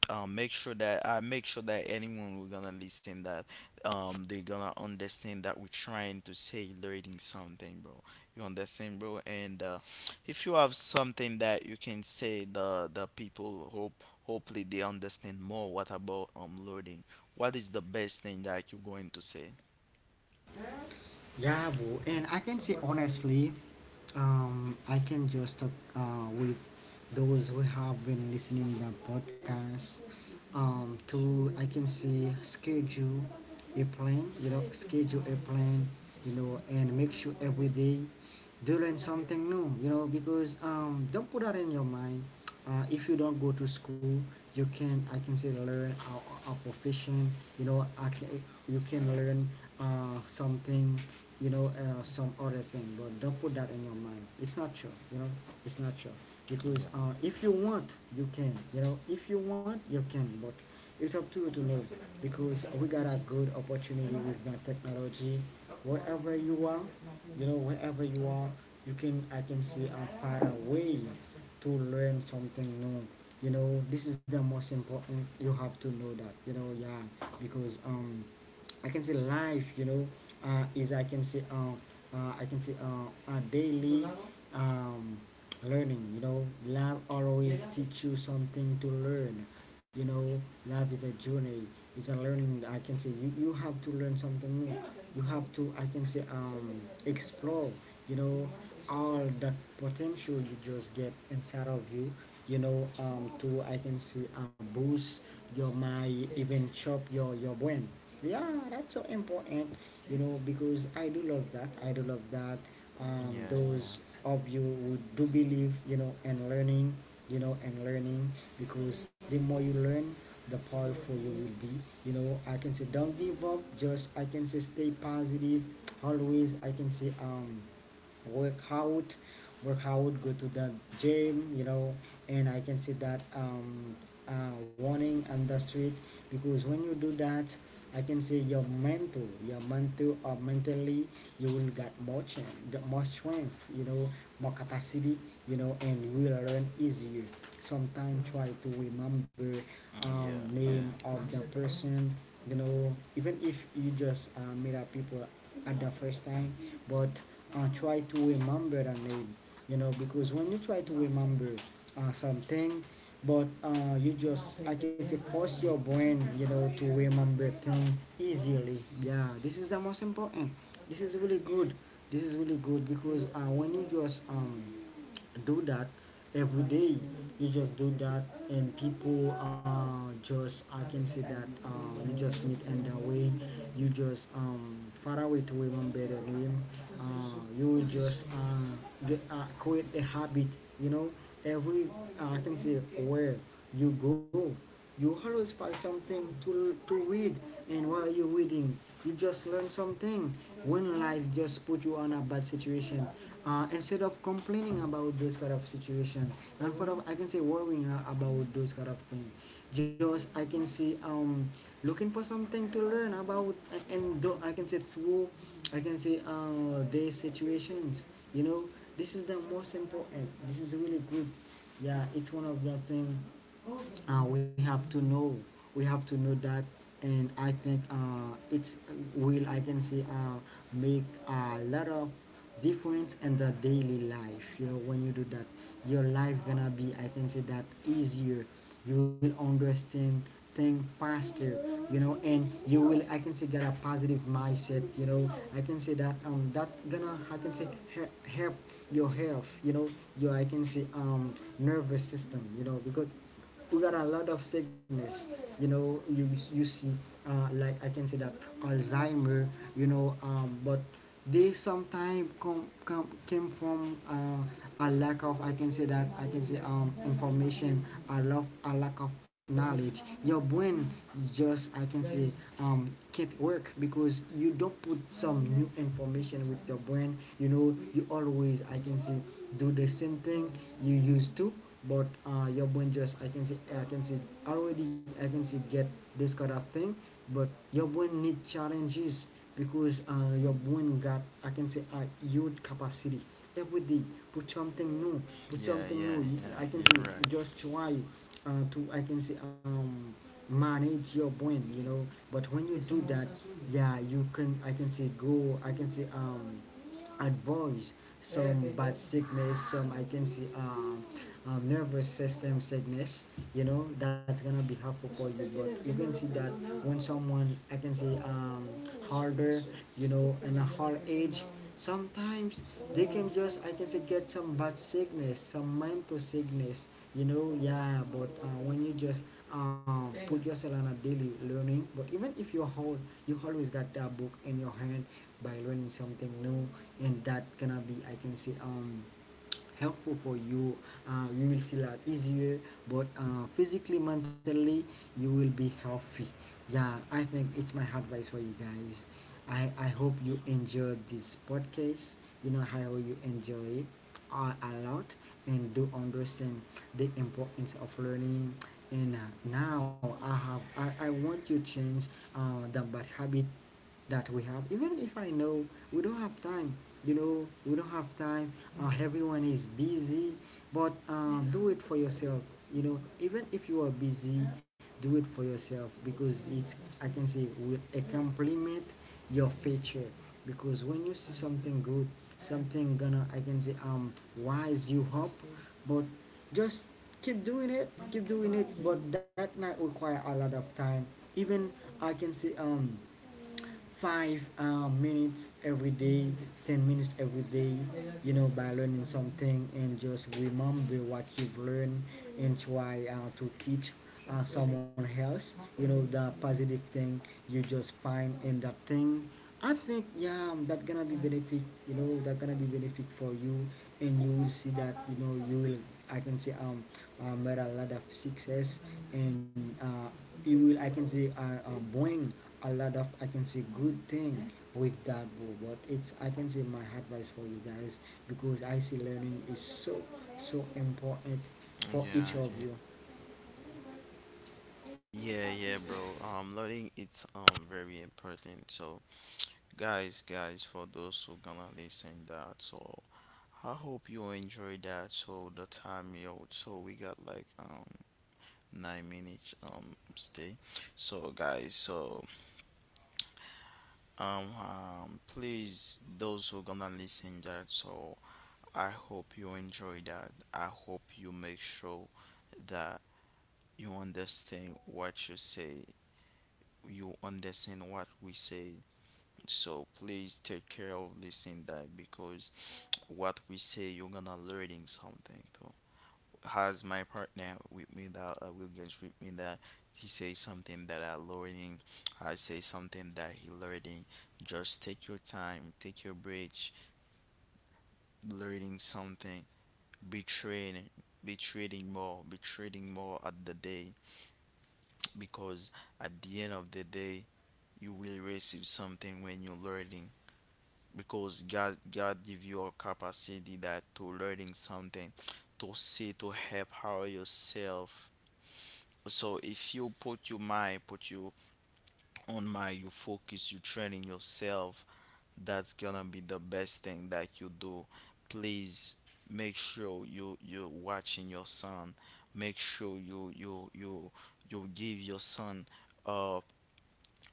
B: Make sure that I make sure that anyone who's gonna listen that they're gonna understand that we're trying to say learning something, bro. You understand, bro? And If you have something that you can say, the people hope hopefully they understand more. What about learning? What is the best thing that you're going to say?
A: Yeah, bro, and I can say honestly, I can just talk with those who have been listening the podcast. To, I can say, schedule a plan, you know, schedule a plan, you know, and make sure every day they learn something new, you know. Because don't put that in your mind. If you don't go to school, you can, I can say, learn our profession, you know, I can, you can learn something, you know, some other thing. But don't put that in your mind. It's not sure, you know. It's not sure.
B: Yeah,
A: Because if you want, you can, you know. If you want, you can. But it's up to you to know. Because we got a good opportunity with that technology. Wherever you are, you know, wherever you are, you can, I can see, a far away to learn something new. You know, this is the most important. You have to know that, you know. Yeah, because, I can say life, you know, is i can say i can say a daily um, learning. You know, lab always teach you something to learn. You know, lab is a journey, is a learning. I can say you, you have to learn something new. You have to, I can say, explore. You know, all that potential you just get inside of you. You know, to, I can say, boost your mind, even chop your brain. Yeah, that's so important, you know, because I do love that, I do love that,
B: yeah, yeah.
A: those of you who do believe, you know, and learning, you know, and learning, because the more you learn, the powerful you will be. You know, I can say don't give up, just I can say stay positive, always I can say work out, work out. Go to the gym, you know. And I can see that warning on the street, because when you do that, I can say your mental, your mental or mentally, you will get more change, more strength, you know, more capacity, you know, and you will learn easier. Sometimes try to remember
B: Mm, yeah,
A: name
B: yeah,
A: of the person, you know, even if you just meet up people at the first time, but try to remember the name, you know, because when you try to remember something, but you just I can say force your brain, you know, to remember things easily. Yeah, this is the most important. This is really good. This is really good because when you just do that every day, you just do that, and people just I can say that you just meet, and that way you just far away to remember the name. You just get, create a habit, you know, every, I can say, where you go you always find something to read, and while you're reading, you just learn something. When life just put you on a bad situation, instead of complaining about those kind of situation, and for of, I can say worrying about those kind of thing, just I can say looking for something to learn about, and though I can say through, I can say their situations. You know, this is the most important. This is really good. Yeah, it's one of the thing we have to know, we have to know that. And I think it's will I can say make a lot of difference in the daily life, you know. When you do that, your life gonna be I can say that easier. You will understand thing faster, you know, and you will I can say get a positive mindset, you know. I can say that that gonna I can say help your health, you know, your I can say nervous system, you know, because we got a lot of sickness, you know. You see like I can say that Alzheimer, you know. But they sometimes come, come came from a lack of I can say that I can say information, a lack of knowledge. Your brain just I can say can't work because you don't put some new information with your brain, you know. You always I can say do the same thing you used to, but your brain just I can see already I can see get this kind of thing, but your brain need challenges, because your brain got I can say a huge capacity. Every day put something new, put
B: yeah,
A: something
B: yeah,
A: new.
B: yeah.
A: I can
B: You're
A: say
B: right.
A: just try to I can say manage your brain, you know. But when you do that, yeah, you can I can say go I can say advice some bad sickness, some I can see nervous system sickness, you know. That's gonna be helpful for you, but you can see that when someone I can say harder, you know, in a hard age, sometimes they can just I can say get some bad sickness, some mental sickness, you know. Yeah, but when you just put yourself on a daily learning, but even if you hold, you always got that book in your hand by learning something new, and that gonna be I can say helpful for you. You will see a lot easier, but physically, mentally, you will be healthy. Yeah, I think it's my advice for you guys. I hope you enjoyed this podcast, you know how you enjoy it a lot, and do understand the importance of learning. And now I want to change the bad habit that we have, even if I know we don't have time, you know, we don't have time. Everyone is busy, but do it for yourself, you know, even if you are busy, do it for yourself, because it's I can say will a compliment your future. Because when you see something good, something gonna I can say wise you up, but just keep doing it, keep doing it. But that might require a lot of time, even I can say 5 minutes every day, 10 minutes every day, you know, by learning something, and just remember what you've learned, and try to teach someone else, you know, the positive thing you just find in that thing. I think, yeah, that gonna be benefit, you know, that gonna be benefit for you, and you will see that, you know, you will, I can say, made a lot of success. And he will I can say bring a lot of I can say good thing with that goal. But it's I can say my advice for you guys, because I see learning is so so important
B: Mm,
A: for
B: yeah,
A: each of
B: yeah.
A: you.
B: Yeah, yeah, bro. Learning it's very important. So guys, for those who gonna listen that, so I hope you enjoy that. So the time, yo, so we got like 9 minutes stay. So guys, so please, those who gonna listen that, so I hope you enjoy that. I hope you make sure that you understand what you say, you understand what we say. So please take care of listening that, because what we say you're gonna learning something too. Has my partner with me that will get with me that he say something that I learning, I say something that he learning. Just take your time, take your break, learning something, be training, be trading more at the day, because at the end of the day you will receive something when you're learning, because God give you a capacity that to learning something, to see to help how yourself. So if you put your mind, put you on mind, you focus, you training yourself, that's gonna be the best thing that you do. Please make sure you you watching your son. Make sure you you you you give your son uh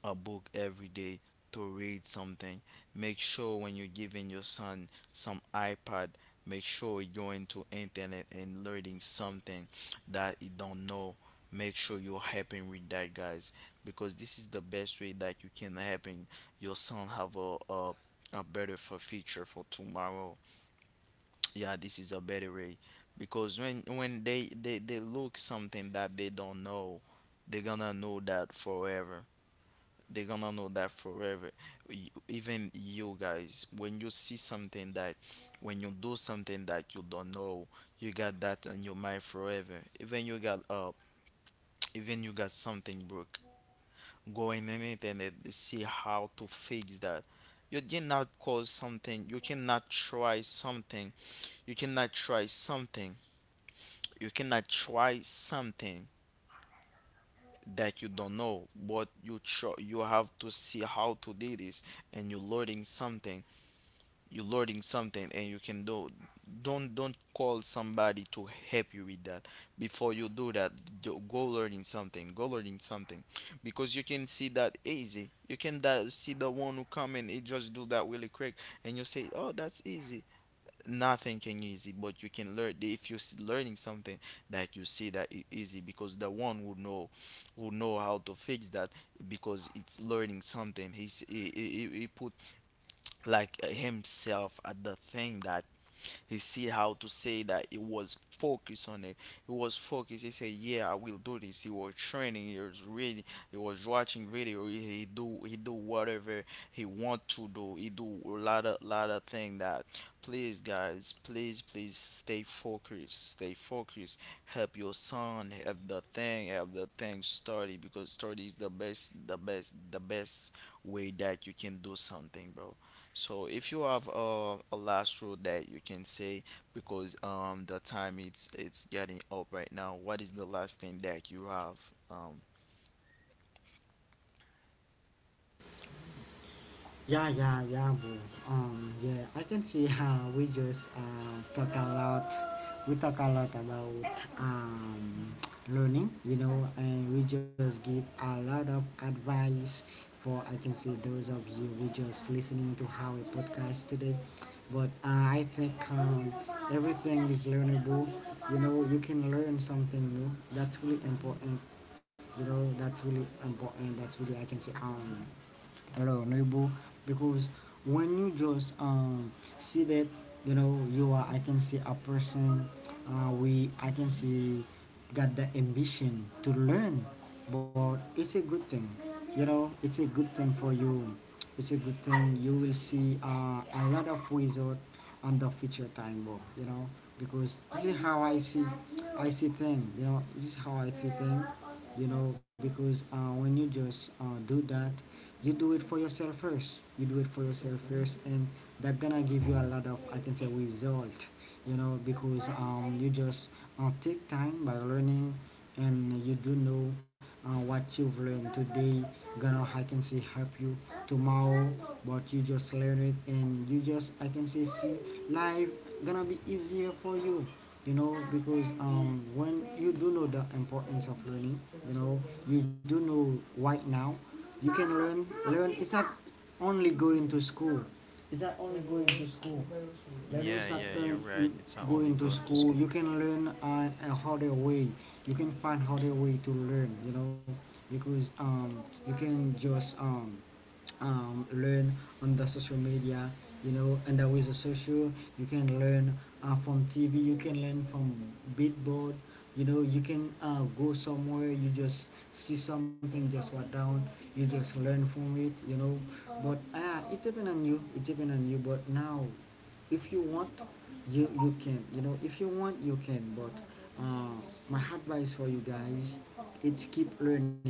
B: a book every day to read something. Make sure when you're giving your son some iPad, make sure you're going to internet and learning something that you don't know. Make sure you're helping with that, guys, because this is the best way that you can helping your son have a better for future for tomorrow. Yeah, this is a better way, because when they look something that they don't know, they're gonna know that forever, they're gonna know that forever. Even you guys, when you see something that, when you do something that you don't know, you got that in your mind forever. Even you got even you got something broke, go in on it and internet see how to fix that. You cannot cause something, you cannot try something, you cannot try something, you cannot try something that you don't know, but you try, you have to see how to do this and you're learning something, you're learning something and you can do. Don't call somebody to help you with that before you do that. Do, go learning something, go learning something, because you can see that easy, you can that, see the one who come and it just do that really quick and you say oh that's easy. Nothing can easy, but you can learn if you're learning something, that you see that it easy, because the one who know, who know how to fix that, because it's learning something. He's, he, he, he he put like himself at the thing that he see how to say that he was focused on it. He was focused, he said yeah I will do this. He was training, he was reading, he was watching video. He do whatever he want to do. He do a lot of thing that, please guys, please please stay focused, stay focused. Help your son, help the thing, help the thing study, because study is the best, the best, the best way that you can do something, bro. So if you have a last rule that you can say, because the time it's getting up right now, what is the last thing that you have? Um,
A: Yeah, yeah, yeah, bro. Yeah, I can see how we just talk a lot. We talk a lot about um, learning, you know, and we just give a lot of advice for I can see those of you who just listening to our podcast today. But I think everything is learnable. You know, you can learn something new. That's really important. You know, that's really important. That's really I can say hello neighbor, because when you just see that, you know, you are I can see a person we I can see got the ambition to learn, but it's a good thing, you know. It's a good thing for you, it's a good thing. You will see a lot of result on the future time, bro, you know, because this is how I see thing, you know, this is how I see thing, you know. Because when you just do that, you do it for yourself first, you do it for yourself first, and that gonna give you a lot of I can say result, you know, because you just take time by learning, and you do know what you've learned today gonna I can say help you tomorrow. But you just learn it, and you just I can say see life gonna be easier for you, you know, because when you do know the importance of learning, you know, you do know right now, you can learn. Learn, it's not only going to school, it's not only going to school. Learning
B: yeah,
A: is not
B: yeah, you're
A: earn,
B: right. It's not only
A: going to
B: going to
A: school.
B: school.
A: You can learn a harder way, you can find harder way to learn, you know, because you can just learn on the social media, you know, and with the social you can learn from TV, you can learn from beatboard, you know. You can go somewhere, you just see something, just write down, you just learn from it, you know. But it depends on you, it depends on you. But now if you want, you can, you know, if you want you can. But uh, my advice for you guys, it's keep learning,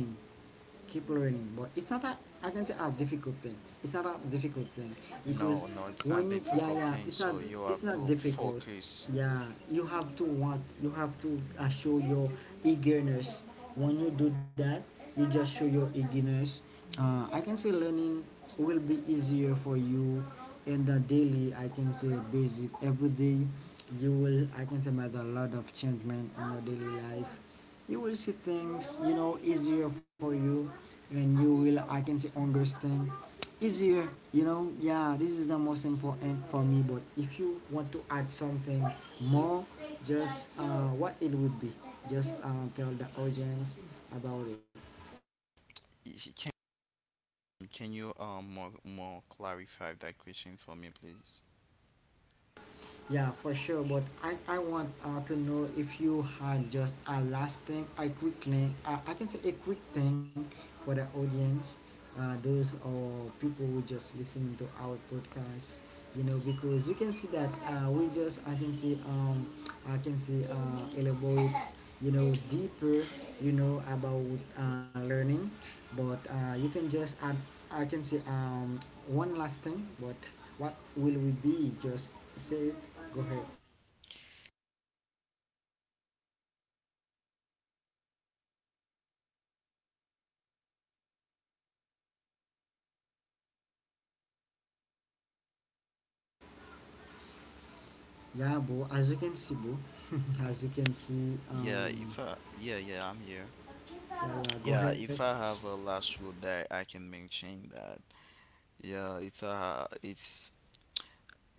A: keep learning. But it's not a, I can say, a difficult thing. It's not a difficult thing, because
B: No, no, it's not
A: when you, yeah,
B: difficult
A: yeah,
B: thing.
A: it's not
B: So you
A: it's
B: have
A: not
B: to
A: difficult.
B: focus.
A: Yeah, you have to want, you have to show your eagerness. When you do that, you just show your eagerness. I can say learning will be easier for you and the daily. I can say basic every day. You will I can say make a lot of changement in your daily life, you will see things, you know, easier for you, and you will I can say understand easier, you know. Yeah, this is the most important for me. But if you want to add something more, just what it would be, just tell the audience about it.
B: If can, can you more clarify that question for me, please?
A: Yeah, for sure. But I want to know if you had just a last thing, a quick thing, I can say a quick thing for the audience, those or people who just listening to our podcast, you know, because you can see that we just, I can see, elaborate, you know, deeper, you know, about learning. But you can just add I can say one last thing. But what will we be, just say it, go ahead. Yeah, bro, as you can see, bro, as you can see
B: Yeah, if yeah, yeah, I'm here.
A: yeah, yeah, go
B: Yeah,
A: ahead.
B: if I have a last rule that I can mention that. Yeah, it's a it's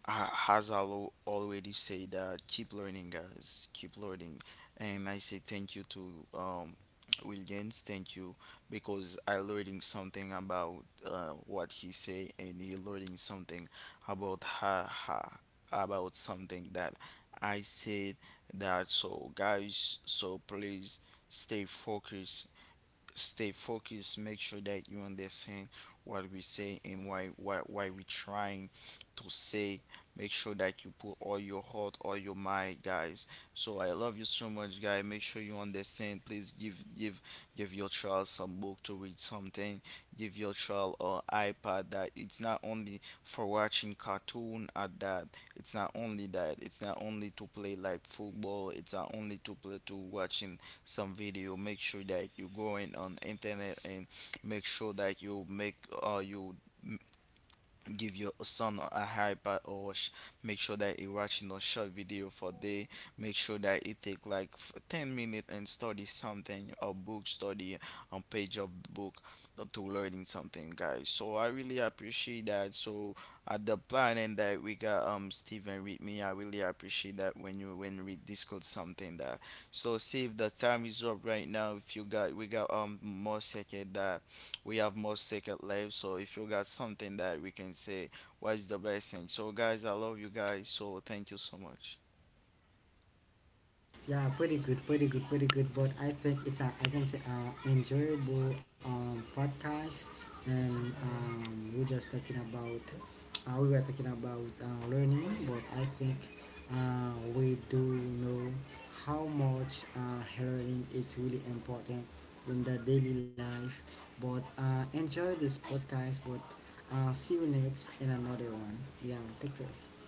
B: has already said that keep learning, guys, keep learning, and I say thank you to Williams, thank you, because I learning something about what he say and he learning something about ha ha about something that I said. That so guys, so please stay focused, stay focused, make sure that you understand what we say and why, why we trying to say. Make sure that you put all your heart, all your mind, guys. So I love you so much, guys, make sure you understand, please, give, give your child some book to read something. Give your child or iPad that it's not only for watching cartoon at that, it's not only that, it's not only to play like football, it's not only to play to watching some video. Make sure that you go in on internet and make sure that you make you give your son a iPad or make sure that he watching a short video for day. Make sure that he take like 10 minutes and study something, a book, study a page of the book, to learning something, guys. So I really appreciate that, so at the planning that we got, Steven with me, I really appreciate that when you, when we discuss something that. So see if the time is up right now, if you got, we got more second that we have more second life, so if you got something that we can say, what's the best thing? So guys, I love you guys, so thank you so much.
A: Yeah, pretty good, pretty good, pretty good. But I think it's a, I can say, enjoyable podcast. And we're just talking about, we were talking about learning, but I think we do know how much learning is really important in the daily life. But enjoy this podcast, but see you next in another one. Yeah, take care.